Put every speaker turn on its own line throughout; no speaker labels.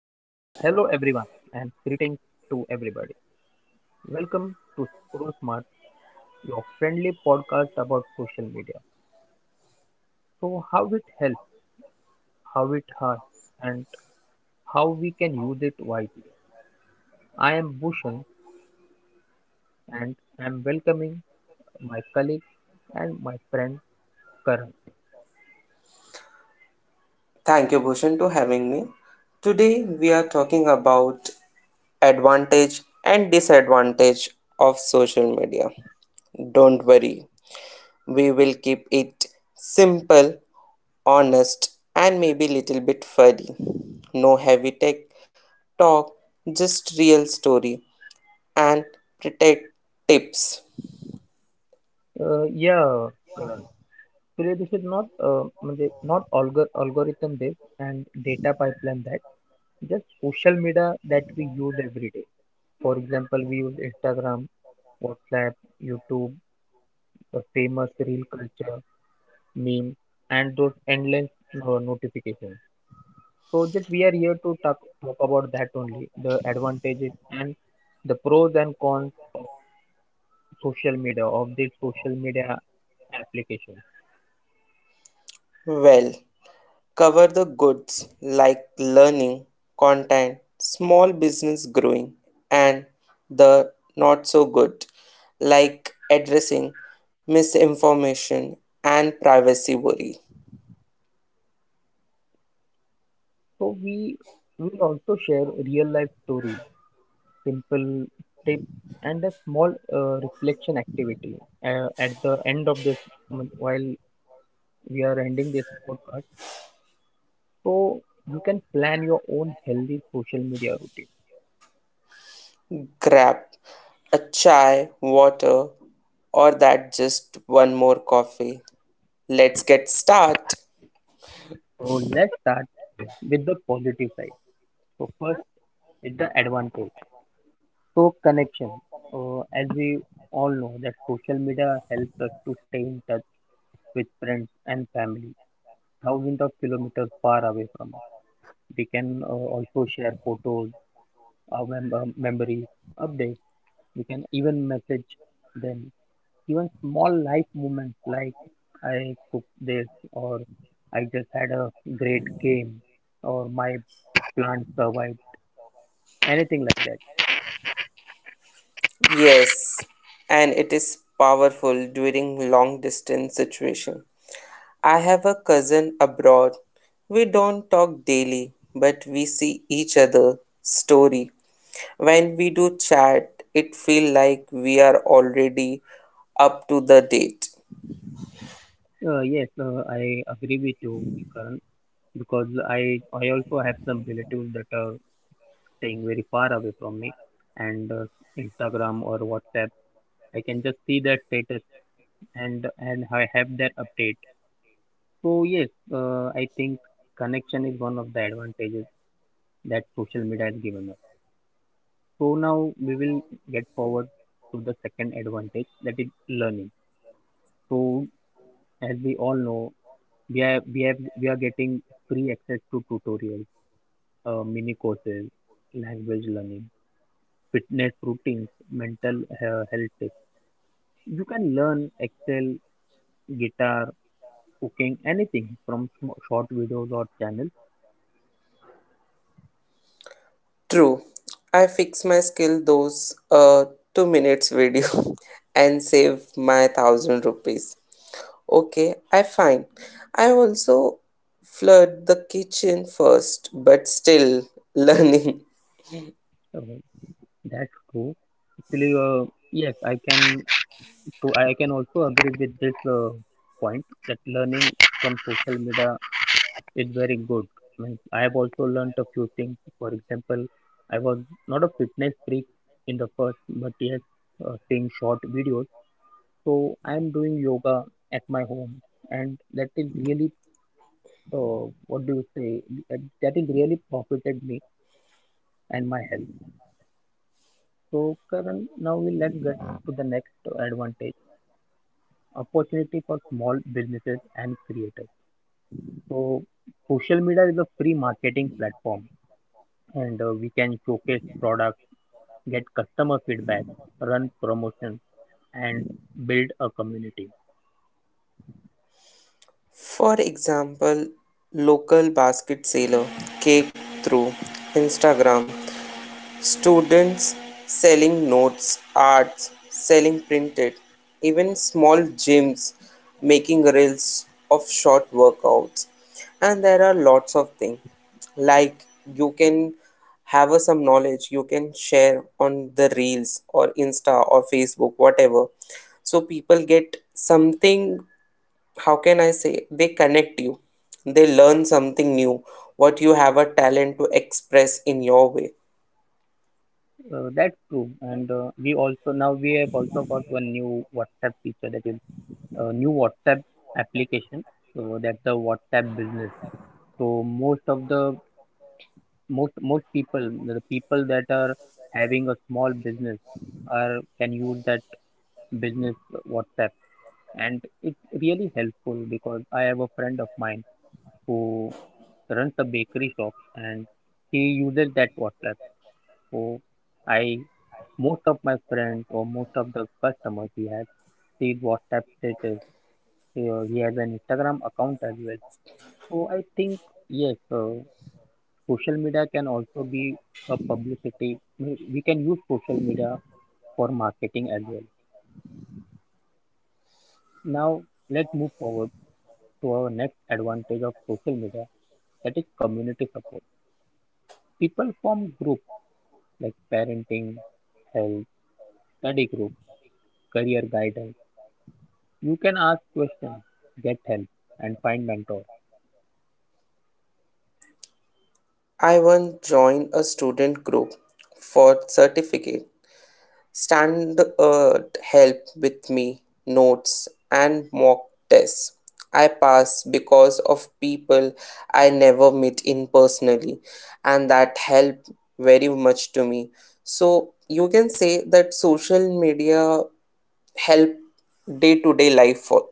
everyone, and greetings to everybody. Welcome to Screw Smart, your friendly podcast about social media. So, how it helps, how it hurts, and how we can use it wisely. I am Bhushan, and I am welcoming my colleague and my friend Karan.
Thank you, Bhushan, to having me. Today, we are talking about advantage and disadvantage of social media. Don't worry, we will keep it simple, honest, and maybe little bit funny. No heavy tech talk, just real story and protect tips.
Yeah, Karan. Today this is not म्हणजे not algorithm this and data pipeline that, just social media that we use every day. For example, we use Instagram, WhatsApp, YouTube, the famous reel culture, meme, and those endless notifications. So just we are here to talk about that only, the advantages and the pros and cons of social media, of these social media applications.
Well, cover the goods like learning, content, small business growing, and the not so good like addressing misinformation and privacy worry.
So we will also share real life stories, simple tips, and a small reflection activity at the end of this while we are ending this podcast, so you can plan your own healthy social media routine.
Grab a chai, water, or that just one more coffee. Let's get start.
So let's start with the positive side. So first is the advantage. So, connection. As we all know that social media helps us to stay in touch with friends and family thousands of kilometers far away from us. We can also share photos, our memories, updates. We can even message them even small life moments like I cooked this, or I just had a great game, or my plant survived, anything like that.
Yes, and it is powerful during long distance situation. I have a cousin abroad. We don't talk daily, but we see each other story. When we do chat, it feel like we are already up to the date.
Yes, I agree with you, Karan, because I also have some relatives that are staying very far away from me, and Instagram or WhatsApp, I can just see their status, and I have their update. So yes, I think connection is one of the advantages that social media has given us. So now we will get forward to the second advantage, that is learning. So as we all know, we are getting free access to tutorials, mini courses, language learning, fitness routines, health tips. You can learn Excel, guitar, cooking, anything from short videos or channels.
True. I fix my skill those 2 minutes video and save my 1,000 rupees. Okay, I find. I also flood the kitchen first, but still learning.
Uh, that's true. Actually, yes, I can. So I can also agree with this point that learning from social media, it's very good. Means I have also learned a few things. For example, I was not a fitness freak in the first, but yes, seeing short videos. So I am doing yoga at my home, and that is really, uh, what do you say? That is really profited me and my health. So Karan, now we let's get to the next advantage: opportunity for small businesses and creators. So social media is a free marketing platform, and we can showcase products, get customer feedback, run promotion, and build a community.
For example, local basket seller, cake through Instagram, students selling notes, arts selling printed, even small gyms making reels of short workouts. And there are lots of things like you can have some knowledge you can share on the reels or insta or Facebook whatever, so people get something. How can I say, they connect you. They learn something new, what you have a talent to express in your way.
That's true. And we also now we have also got one new WhatsApp feature, that is a new WhatsApp application. So that's the WhatsApp business. So most people, the people that are having a small business, are can use that business WhatsApp, and it's really helpful because I have a friend of mine who runs a bakery shop, and he uses that WhatsApp. So I, most of my friends or most of the customers he has see WhatsApp status. He has an Instagram account as well. So I think yes, social media can also be a publicity. We can use social media for marketing as well. Now let's move forward to our next advantage of social media, that is community support. People form groups like parenting, health, study group, career guidance. You can ask questions, get help, and find mentors.
I once joined a student group for certificate. Stand help with me, notes and mock tests. I passed because of people I never meet in personally, and that helped very much to me. So you can say that social media help day to day life for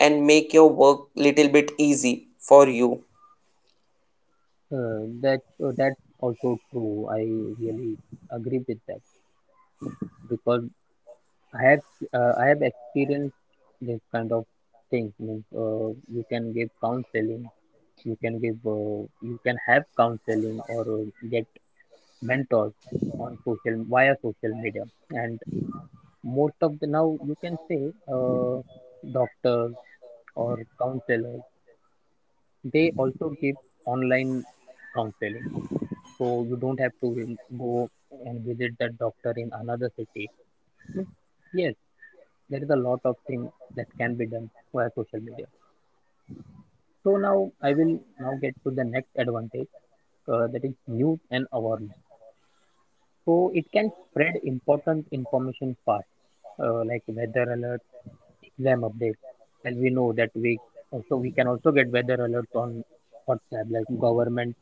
and make your work little bit easy for you.
That's also true. I really agree with that because I have I have experienced this kind of thing. Means, you can give counseling, you can give you can have counseling or get mentors on social via social media. And most of the now you can say doctors or counselors, they also give online counseling, so you don't have to go and visit that doctor in another city. Yes, there is a lot of things that can be done via social media. So now I will now get to the next advantage, that is news and awareness. So it can spread important information fast, like weather alert, exam updates. As we know that we can also get weather alerts on WhatsApp, like government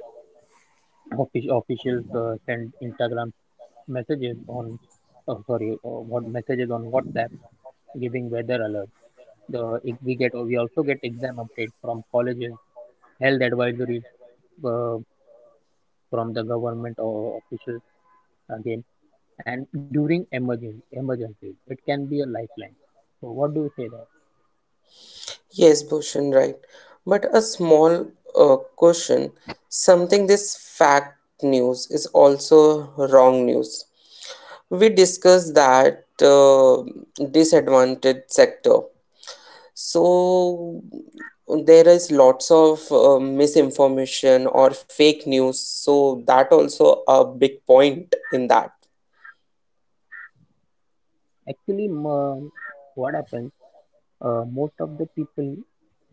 officials send Instagram messages on, oh, sorry, what messages on WhatsApp giving weather alert, the if we get, oh, we also get exam updates from colleges, health advisories uh, from the government or officials again. And during emergency emergencies, it can be a lifeline. So what do we say that
Yes, Bhushan, right. But a small question, something this fact news is also wrong news. We discussed that disadvantaged sector. So there is lots of misinformation or fake news. So that also a big point in that.
actually m- what happens, most of the people,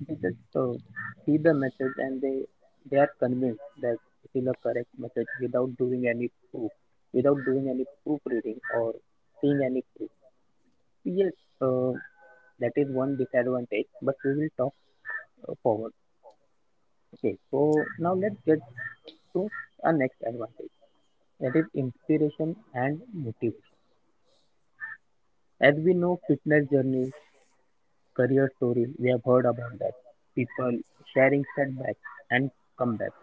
they just see the message and they are convinced that it is a correct message without doing any proof, without doing any proofreading or seeing any proof. Yes, uh, that is one disadvantage, but we will talk forward. Okay, so now let's get to our next advantage, that is inspiration and motivation. As we know, fitness journeys, career stories, we have heard about that. People sharing setbacks and comebacks.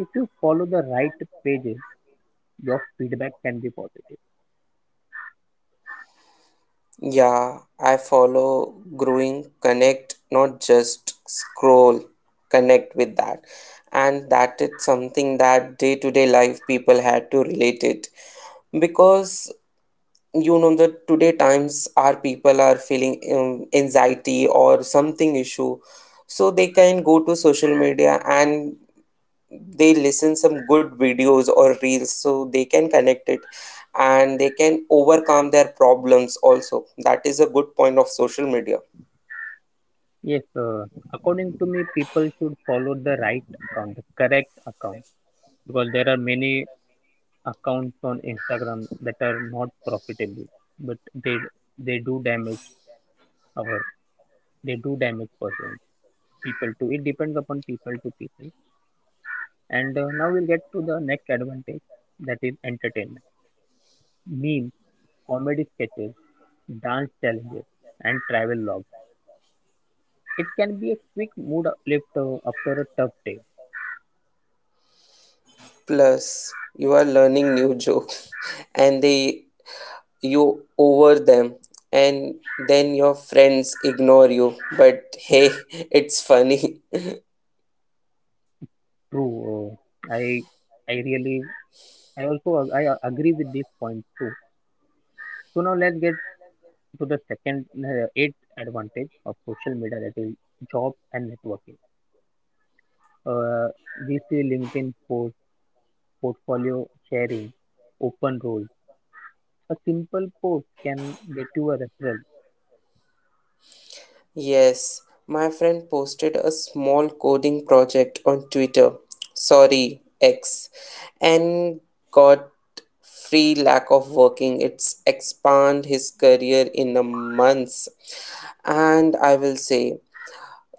If you follow the right pages, your feedback can be positive.
Yeah, I follow growing connect, not just scroll, connect with that. And that is something that day to day life people had to relate it. Because you know the today times our people are feeling anxiety or something issue. So they can go to social media and they listen some good videos or reels so they can connect it, and they can overcome their problems also. That is a good point of social media.
Yes, according to me, people should follow the right account, the correct account, because there are many accounts on Instagram that are not profitable, but they do damage our, they do damage person, people, to it depends upon people to people. And now we'll get to the next advantage, that is entertainment, memes, comedy sketches, dance challenges, and travel logs. It can be a quick mood uplift after a tough day.
Plus you are learning new jokes and they you over them and then your friends ignore you, but hey, it's funny.
True. Uh, I I really I also ag- I a- agree with this point too. So now let's get to the second eighth advantage of social media, that is job and networking. Uh, we see LinkedIn post, portfolio sharing, open roles. A simple post can get you a referral.
Yes, my friend posted a small coding project on Twitter, sorry, X, and got free lack of working. It's expand his career in a month. And I will say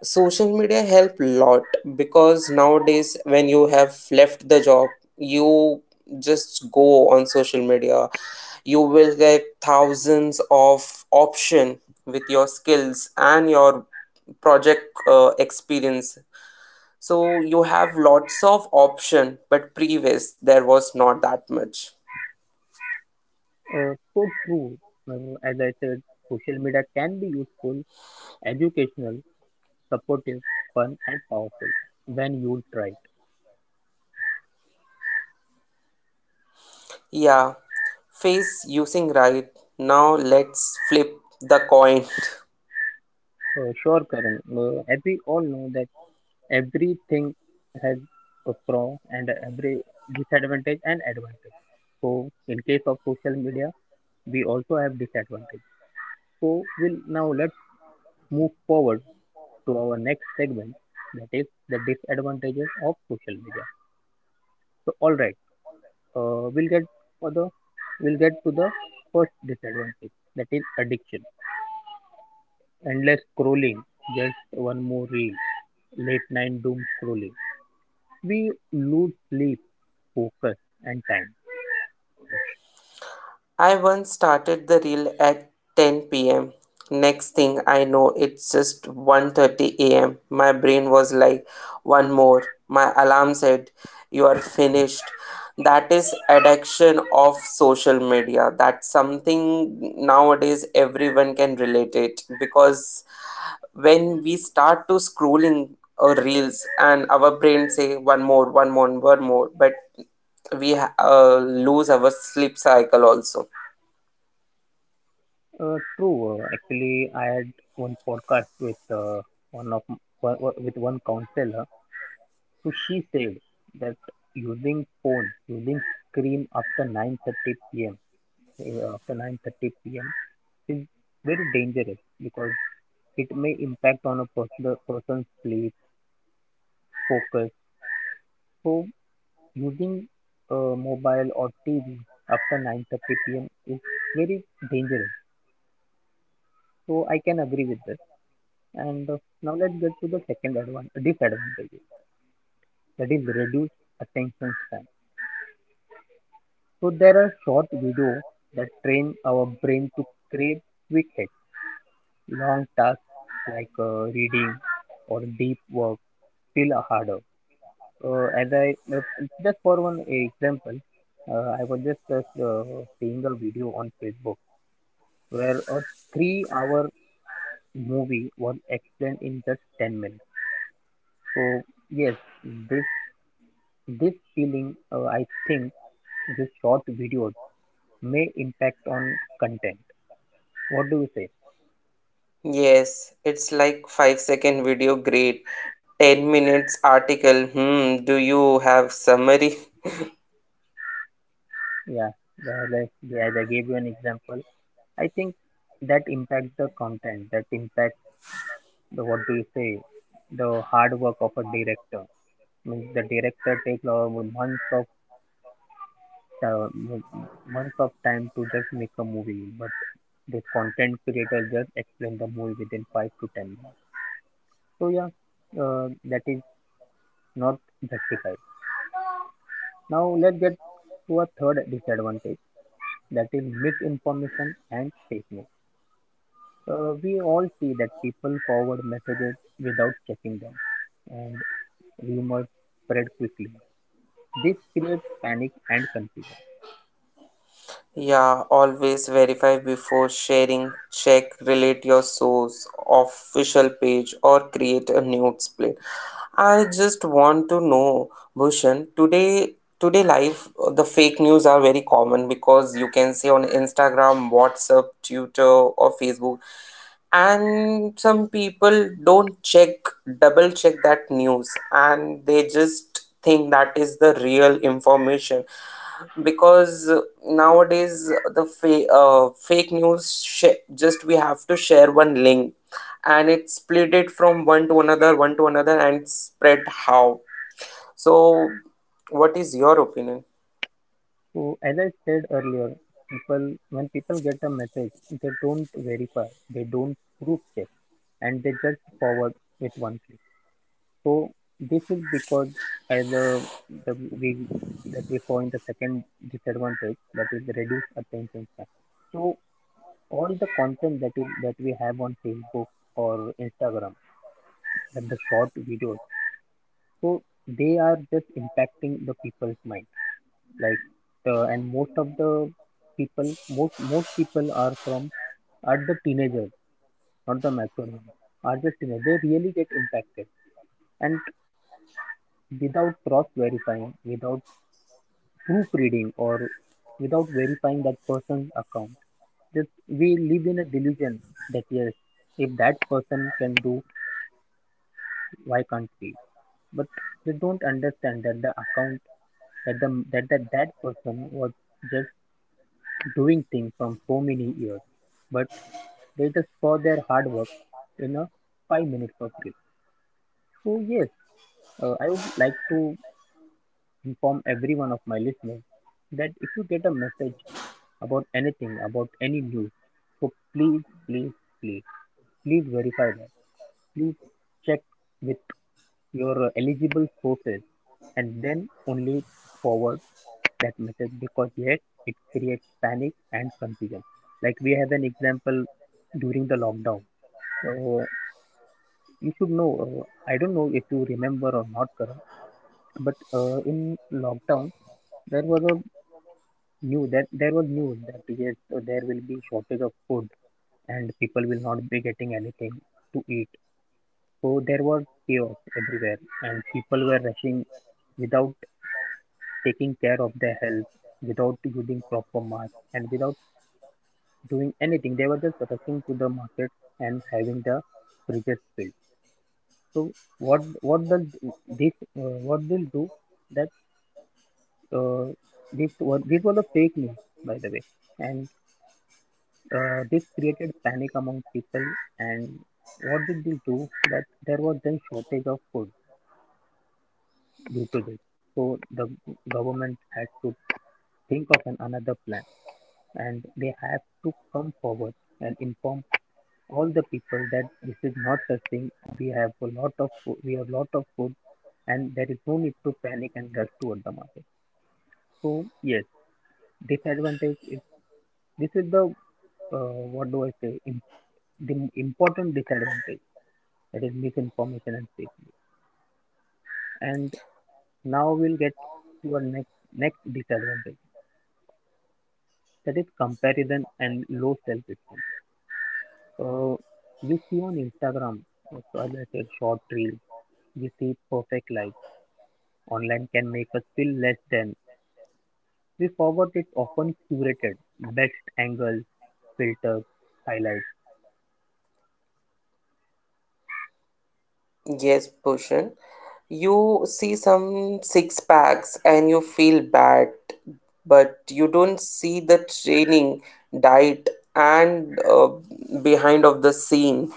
social media help lot because nowadays when you have left the job you just go on social media, you will get thousands of option with your skills and your project experience. So you have lots of option, but previous there was not that much.
So true. As I said, social media can be useful, educational, supportive, fun, and powerful when used right.
Yeah, face using right. Now let's flip the coin.
Sure, Karan. As we all know that everything has a pro, and every disadvantage and advantage. So, in case of social media, we also have disadvantage. So, we'll now let's move forward to our next segment, that is the disadvantages of social media. So, all right, uh, we'll get for the we'll get to the first disadvantage, that is addiction, endless scrolling, just one more reel, late night doom scrolling, we lose sleep, focus, and time.
I once started the reel at 10 pm. Next thing I know, it's just 1:30 a.m. My brain was like, one more. My alarm said, you are finished. That is addiction of social media. That's something nowadays everyone can relate it, because when we start to scrolling or reels and our brain say one more, one more, one more, but we lose our sleep cycle also.
True. Actually, I had one podcast with one of m- one- one- with one counselor. So she said that using phone, using screen after 9:30 p.m. uh, after 9:30 p.m. is very dangerous because it may impact on a person's sleep, focus. So using mobile or TV after 9:30 p.m. is very dangerous. So I can agree with that. And now let's get to the disadvantage, that is reduced attention span. So there are short videos that train our brain to crave quick hits. Long tasks like reading or deep work feel harder. As I Just for one example, I was just seeing a video on Facebook where a three-hour movie was explained in just 10 minutes. So yes, this this feeling, I think this short videos may impact on content. What do you say?
Yes, it's like 5-second video great, 10 minutes article. Hmm, do you have summary?
Yeah, yeah, as I gave you an example, I think that impacts the content. That impacts the, what do you say? The hard work of a director. Means the director takes uh, months of time to just make a movie, but the content creator just explain the movie within 5 to 10 minutes. So yeah, that is not justified. Now let's get to a third disadvantage, that is misinformation and fake news. We all see that people forward messages without checking them, and rumors spread quickly. This creates panic and confusion.
Yeah, always verify before sharing. Check, relate your source, official page, or create a newsplay. I just want to know, Bhushan, today today life the fake news are very common because you can see on Instagram, WhatsApp, Twitter, or Facebook, and some people don't check, double check that news, and they just thing that is the real information because nowadays the fake news just we have to share one link and it split it from one to another, one to another, and spread how. So what is your opinion?
So as I said earlier, people when people get a message, they don't verify, they don't proof check, and they just forward with one click. So this is because as a, the we that we saw in the second disadvantage, that is the reduced attention span. So all the content that that we have on Facebook or Instagram, that the short videos, so they are just impacting the people's mind. Like and most of the people, most most people are from are the teenagers, not the mature ones. Are just teenagers. They really get impacted, and without cross verifying, without proofreading or without verifying that person's account. Just we live in a delusion that yes, if that person can do, why can't we? But they don't understand that the account that that person was just doing things from so many years, but they just saw their hard work in a 5 minutes of clip. So yes, I would like to inform every one of my listeners that if you get a message about anything, about any news. So please, please, please, please verify that. Please check with your eligible sources and then only forward that message because yet it creates panic and confusion. Like we have an example during the lockdown. So you should know. I don't know if you remember or not, Karan, but in lockdown there was a news that there was news that yes there will be shortage of food and people will not be getting anything to eat. So there was chaos everywhere, and people were rushing without taking care of their health, without using proper mask, and without doing anything. They were just rushing to the market and having the fridges filled. So what does this what will do that uh, this was a fake news, by the way, and this created panic among people and what did they do that there was then shortage of food due to this. So the government had to think of an another plan and they have to come forward and inform all the people that this is not a thing. We have a lot of food, we have lot of food and there is no need to panic and rush toward the market. So yes, disadvantage is this is the what do I say? Im The important disadvantage, that is misinformation and fake news. And now we'll get to our next disadvantage, that is comparison and low self esteem. Uh, you see on Instagram, so as I said, short reel, we see perfect life. Online can make us feel less than. We forgot it's often curated, best angles, filters, highlights.
Yes, Bhushan. You see some six packs and you feel bad, but you don't see the training, diet, and behind of the scene.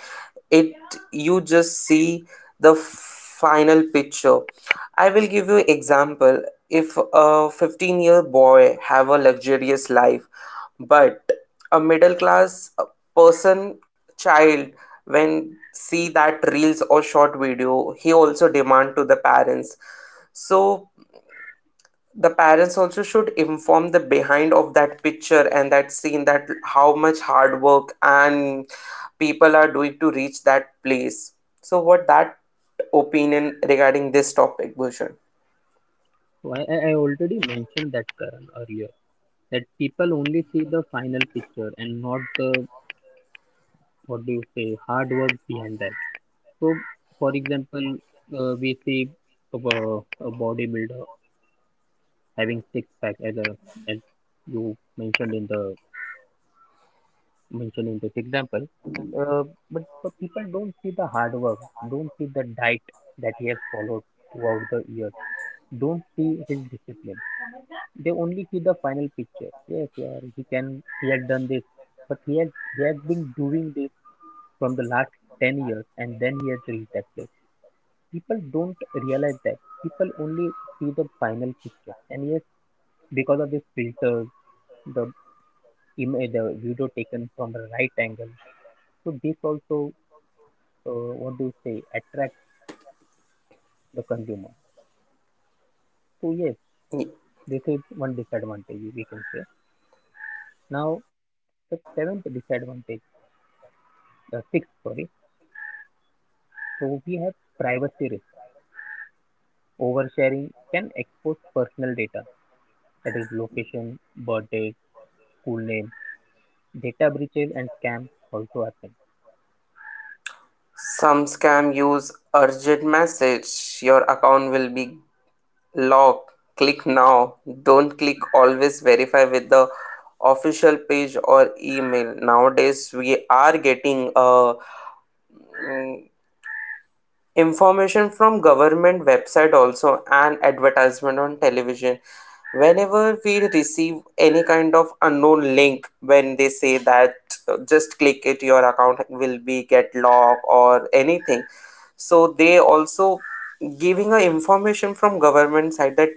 It you just see the final picture. I will give you example. If a 15-year boy have a luxurious life, but a middle class person child when see that reels or short video he also demand to the parents. So the parents also should inform the behind of that picture and that scene, that how much hard work and people are doing to reach that place. So what that opinion regarding this topic, Bhushan?
So I already mentioned that, Karan, earlier, that people only see the final picture and not the, what do you say, hard work behind that. So for example, we see a bodybuilder having six pack as a, as you mentioned in the, mentioned in this example. Uh, but people don't see the hard work, don't see the diet that he has followed throughout the years, don't see his discipline. They only see the final picture. Yes, yeah, he had done this, but he has been doing this from the last 10 years and then he has reached that place. People don't realize that. People only see the final picture. And yes, because of this filter, the image, the video taken from the right angle, so this also, uh, what do you say, attract the consumer. So yes, this is one disadvantage, we can say. Now the seventh disadvantage, sixth, sorry, so we have privacy risk. Oversharing can expose personal data, that is location, birthday, school name. Data breaches and scams also happen.
Some scam use urgent message, your account will be log, click now. Don't click, always verify with the official page or email. Nowadays we are getting mm, information from government website also and advertisement on television. Whenever we receive any kind of unknown link, when they say that just click it, your account will be get locked or anything. So they also giving a information from government side that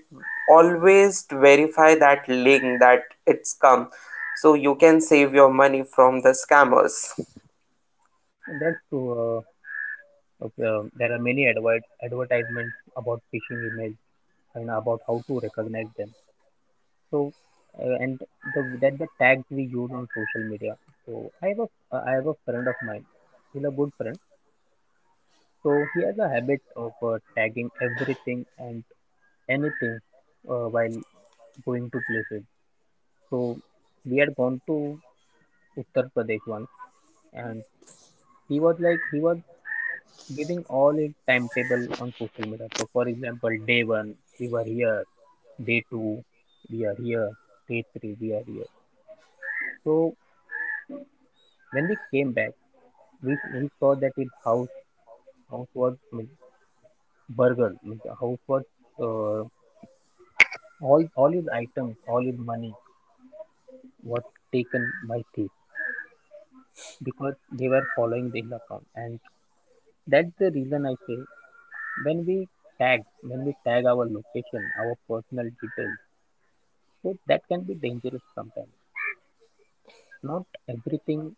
always verify that link that it's come, so you can save your money from the scammers.
And that's true. There are many advertisements about phishing emails and about how to recognize them. So and the, that the tags we use on social media. So I have a friend of mine. He's a good friend. So he has a habit of tagging everything and anything while going to places. So we had gone to Uttar Pradesh once, and he was giving all his timetable on social media. So for example, day one we were here, day two we are here, day three we are here. So when we came back, we saw that his house was, means, burgled. Means the house was, uh, all his items, all his money was taken by thief, because they were following the hill account, and that's the reason I say, when we tag, our location, our personal details, so that can be dangerous sometimes. Not everything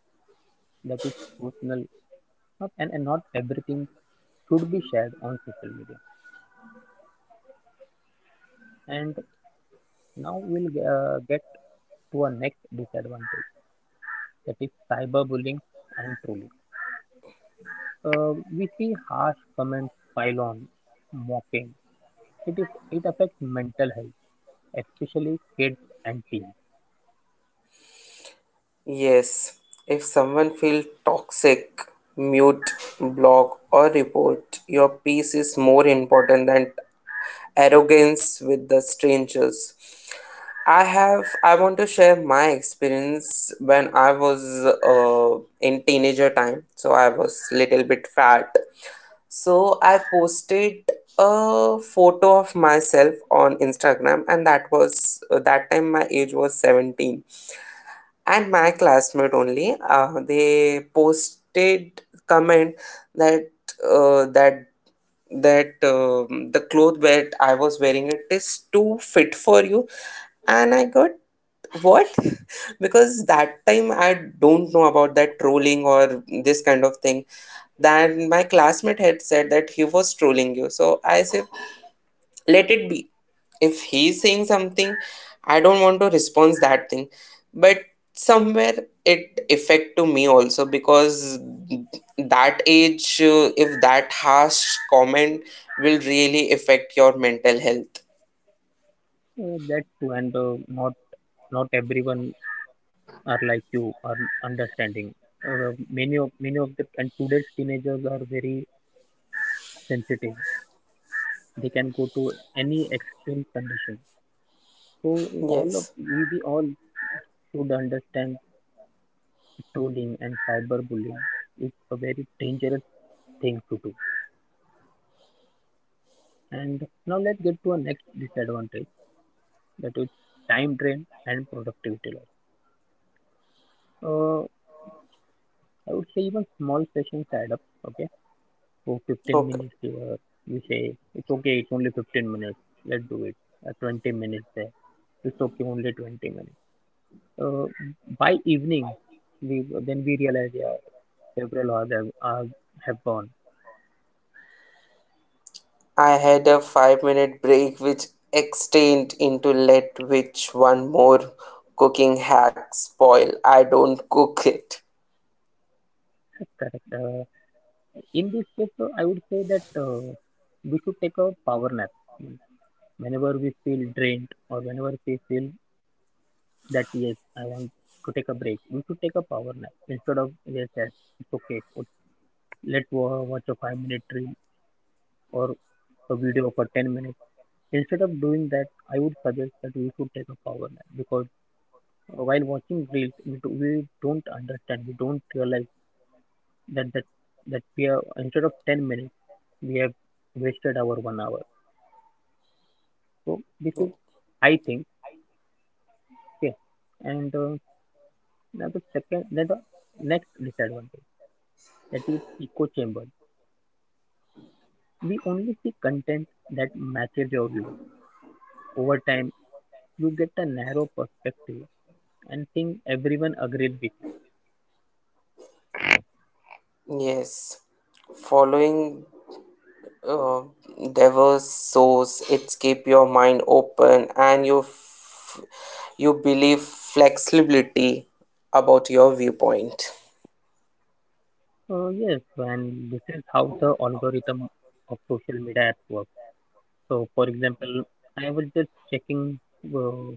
that is personal, not and, and not everything should be shared on social media. And now we'll get to our next disadvantage, that is cyberbullying and trolling. We see harsh comments pile on, mocking. It affects mental health, especially kids and teens.
Yes, if someone feels toxic, mute, block, or report, your peace is more important than arrogance with the strangers. I want to share my experience when I was in teenager time. So I was little bit fat. So I posted a photo of myself on Instagram and that was that time my age was 17 and my classmate only they posted comment that uh, that that the cloth that I was wearing, it is too fit for you, and I got what? Because that time I don't know about that trolling or this kind of thing. Then my classmate had said that he was trolling you, so I said let it be. If he's saying something, I don't want to respond that thing, but somewhere it affect to me also because that age if that harsh comment will really affect your mental health.
That's true, and not everyone are like you are understanding. Many of the and today's teenagers are very sensitive. They can go to any extreme condition. So
Yes.
we all should understand trolling and cyberbullying is a very dangerous thing to do. And now let's get to our next disadvantage, that is time drain and productivity loss. Uh, I would say even small sessions add up. Okay, for 15
Okay,
minutes here, we say it's okay, it's only 15 minutes, let's do it. 20 minutes there, it's okay, only 20 minutes. Uh, by evening, we, then we realize, yeah, several hours have gone.
I had a 5-minute break which extended into let which one more cooking hack spoil, I don't cook it.
Correct. In this case, I would say that we should take a power nap whenever we feel drained or whenever we feel that yes, I want to take a break, we should take a power nap instead of yes, yes, it's okay. Let's watch a 5-minute reel or a video for 10 minutes. Instead of doing that, I would suggest that we should take a power nap because while watching reels, we don't we don't realize that, we are, instead of 10 minutes, we have wasted our 1 hour. So this is, I think, okay, and. Now the next disadvantage, that is echo chamber. We only see content that matches your view. Over time, you get a narrow perspective and think everyone agrees with you.
Yes, following uh, diverse source, it's keep your mind open and you believe flexibility about your viewpoint.
So yes, and this is how the algorithm of social media apps work. So for example, I was just checking uh,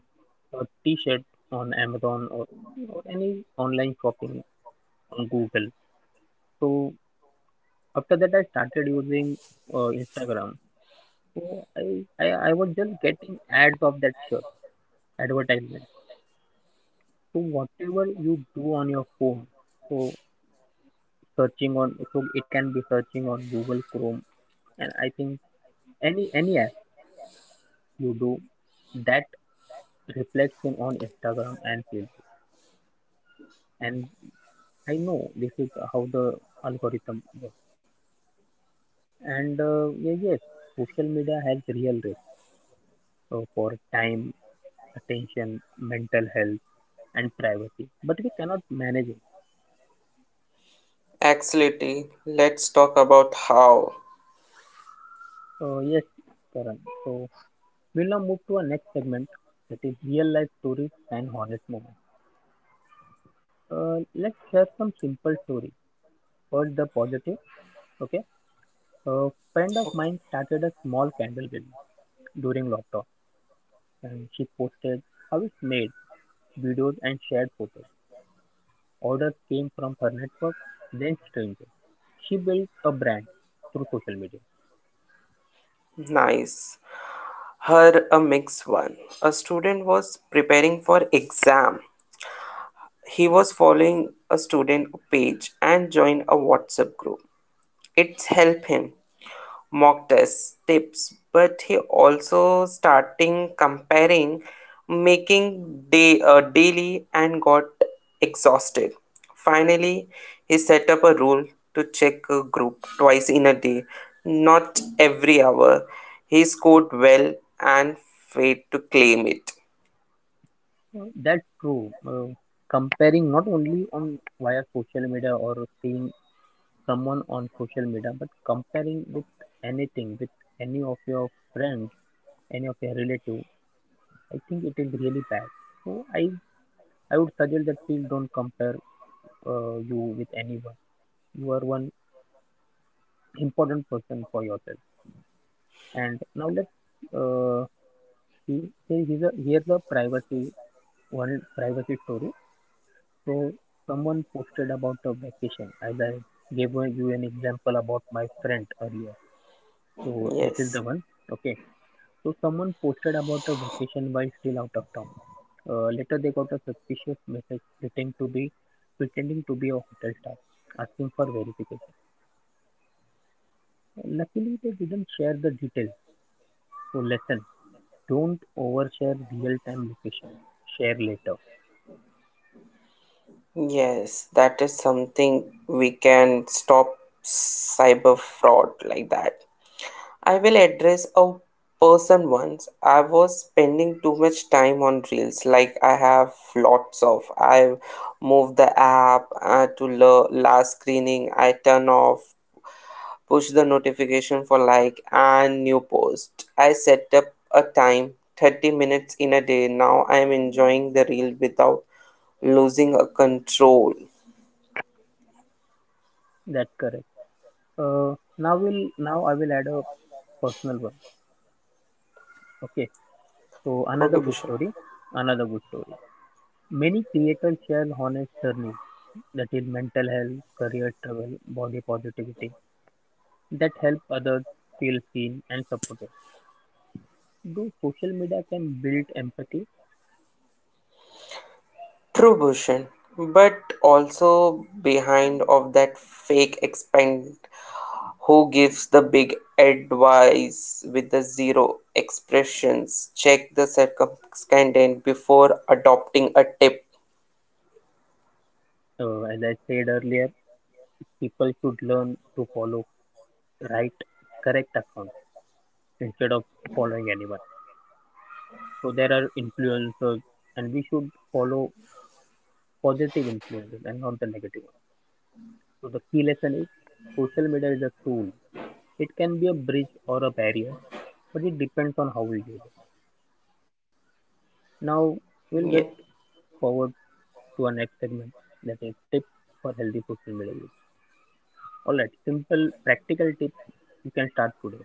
a T-shirt on Amazon, or any online shopping on Google. So after that, I started using Instagram. So I was just getting ads of that shirt, advertisement. So whatever you do on your phone, so so it can be searching on Google Chrome, and I think any app you do, that reflects in, on Instagram and Facebook. And I know this is how the algorithm works. And yeah, yes, social media has real risk for time, attention, mental health, and privacy, but we cannot manage it.
Actually, let's talk about how.
Yes, Karan. So we'll now move to our next segment, that is real life stories and honest moments. Let's share some simple story. First, the positive. Okay, a friend of mine started a small candle business during lockdown, and she posted how it's made, videos, and shared photos. Orders came from her network, then strangers. She built a brand through social media.
Nice. Her a mixed one, a student was preparing for exam. He was following a student page and joined a WhatsApp group. It's help him mock test tips, but he also starting comparing, making day daily, and got exhausted. Finally, he set up a rule to check a group twice in a day, not every hour. He scored well and failed to claim it.
That's true. Comparing not only on via social media or seeing someone on social media, but comparing with anything, with any of your friends, any of your relative, I think it is really bad. So I would suggest that please don't compare you with anyone. You are one important person for yourself. And now let's uh, see. Here's a privacy story. So someone posted about a vacation. As I gave you an example about my friend earlier. So this is
Yes,
the one. Okay. So someone posted about a vacation while still out of town. Later, they got a suspicious message pretending to be a hotel staff, asking for verification. Luckily, they didn't share the details. So lesson: don't overshare real-time location. Share later.
yes, that is something we can stop cyber fraud like that. I will address a person once. I was spending too much time on Reels. Like I have lots of. I move the app to last screening. I turn off, push the notification for like and new post. I set up a time 30 minutes in a day. Now I am enjoying the Reel without losing a control.
That's correct. Now will, now I will add a personal one. Okay. So another
Okay,
good
Bhushan.
story. Another good story. Many creators share honest journeys, that is mental health, career struggle, body positivity, that help others feel seen and supported. Though social media can build empathy,
True, Bhushan, but also behind of that fake expand who gives the big advice with the zero expressions. Check the circumscribed before adopting a tip.
as I said earlier, people should learn to follow right, correct accounts instead of following anyone. So there are influencers, and we should follow positive influencers and not the negative ones. So the key lesson is social media is a tool. It can be a bridge or a barrier, but it depends on how we use it. Now we'll
Yeah.
get forward to our next segment, that is tips for healthy social media use. All right, simple practical tips you can start today.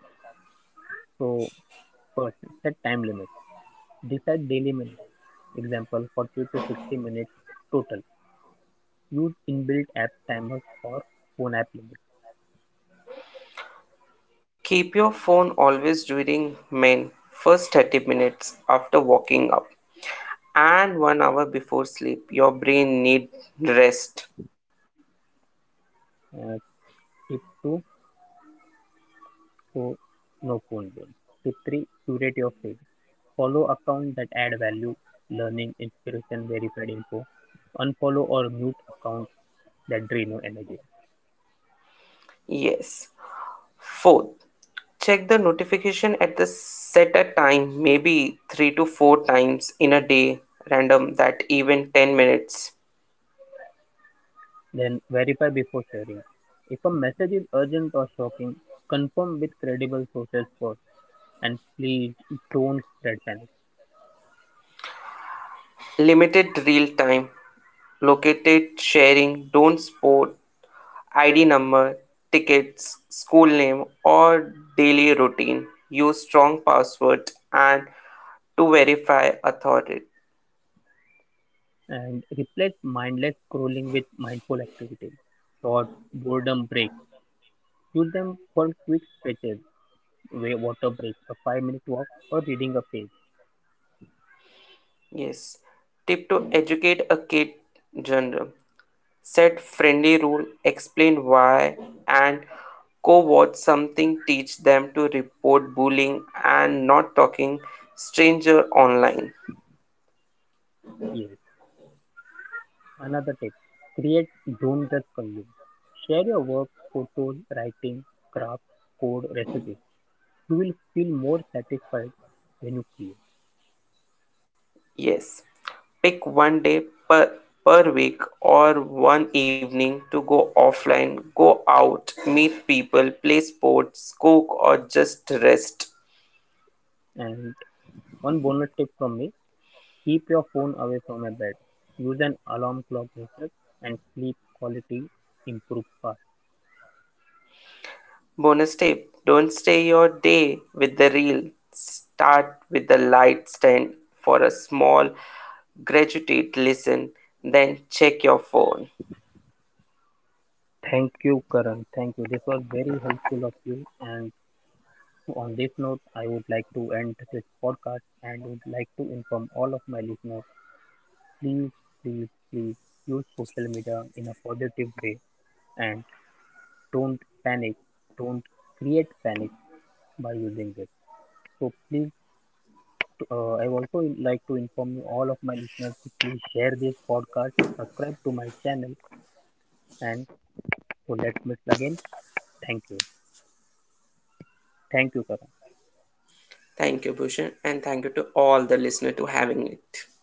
So, first, set time limits. Decide daily minutes. Example 40 to 60 minutes total. Use inbuilt app timers or phone app limits.
Keep your phone always during main first 30 minutes after waking up and 1 hour before sleep. Your brain need rest.
Uh, Tip 2, so no phone zone. Tip 3, curate your feed. Follow accounts that add value, learning, inspiration, verified info. Unfollow or mute accounts that drain your energy.
Yes. Fourth, check the notification at the set a time, maybe 3 to 4 times in a day, random that even 10 minutes.
Then verify before sharing. If a message is urgent or shocking, confirm with credible sources first. And please don't spread panic.
Limited real time, located sharing, don't sport ID number, tickets, school name or daily routine. Use strong password and to verify authority.
And replace mindless scrolling with mindful activity. Short boredom breaks. Use them for quick stretches, way water breaks, a 5-minute walk, or reading a page.
Yes. Tip to educate a kid general. Set friendly rule, explain why, and co-watch something, teach them to report bullying and not talking stranger online.
Yes. Another tip: create, don't just consume. Share your work, photos, writing, craft, code, recipes. You will feel more satisfied when you create.
Yes, pick one day per week or one evening to go offline, go out, meet people, play sports, cook, or just rest.
And one bonus tip from me: keep your phone away from a bed. Use an alarm clock instead, and sleep quality improve fast.
Bonus tip, don't stay your day with the reel. Start with the light stand for a small, graduated listen, then check your phone.
Thank you, Karan. Thank you. This was very helpful of you. And on this note, I would like to end this podcast and would like to inform all of my listeners, please, please, please use social media in a positive way and don't panic. Don't create panic by using it. So please, I also like to inform you all of my listeners to please share this podcast, subscribe to my channel, and so let's meet again. Thank you. Thank you, Karan.
Thank you, Bhushan, and thank you to all the listeners to having it.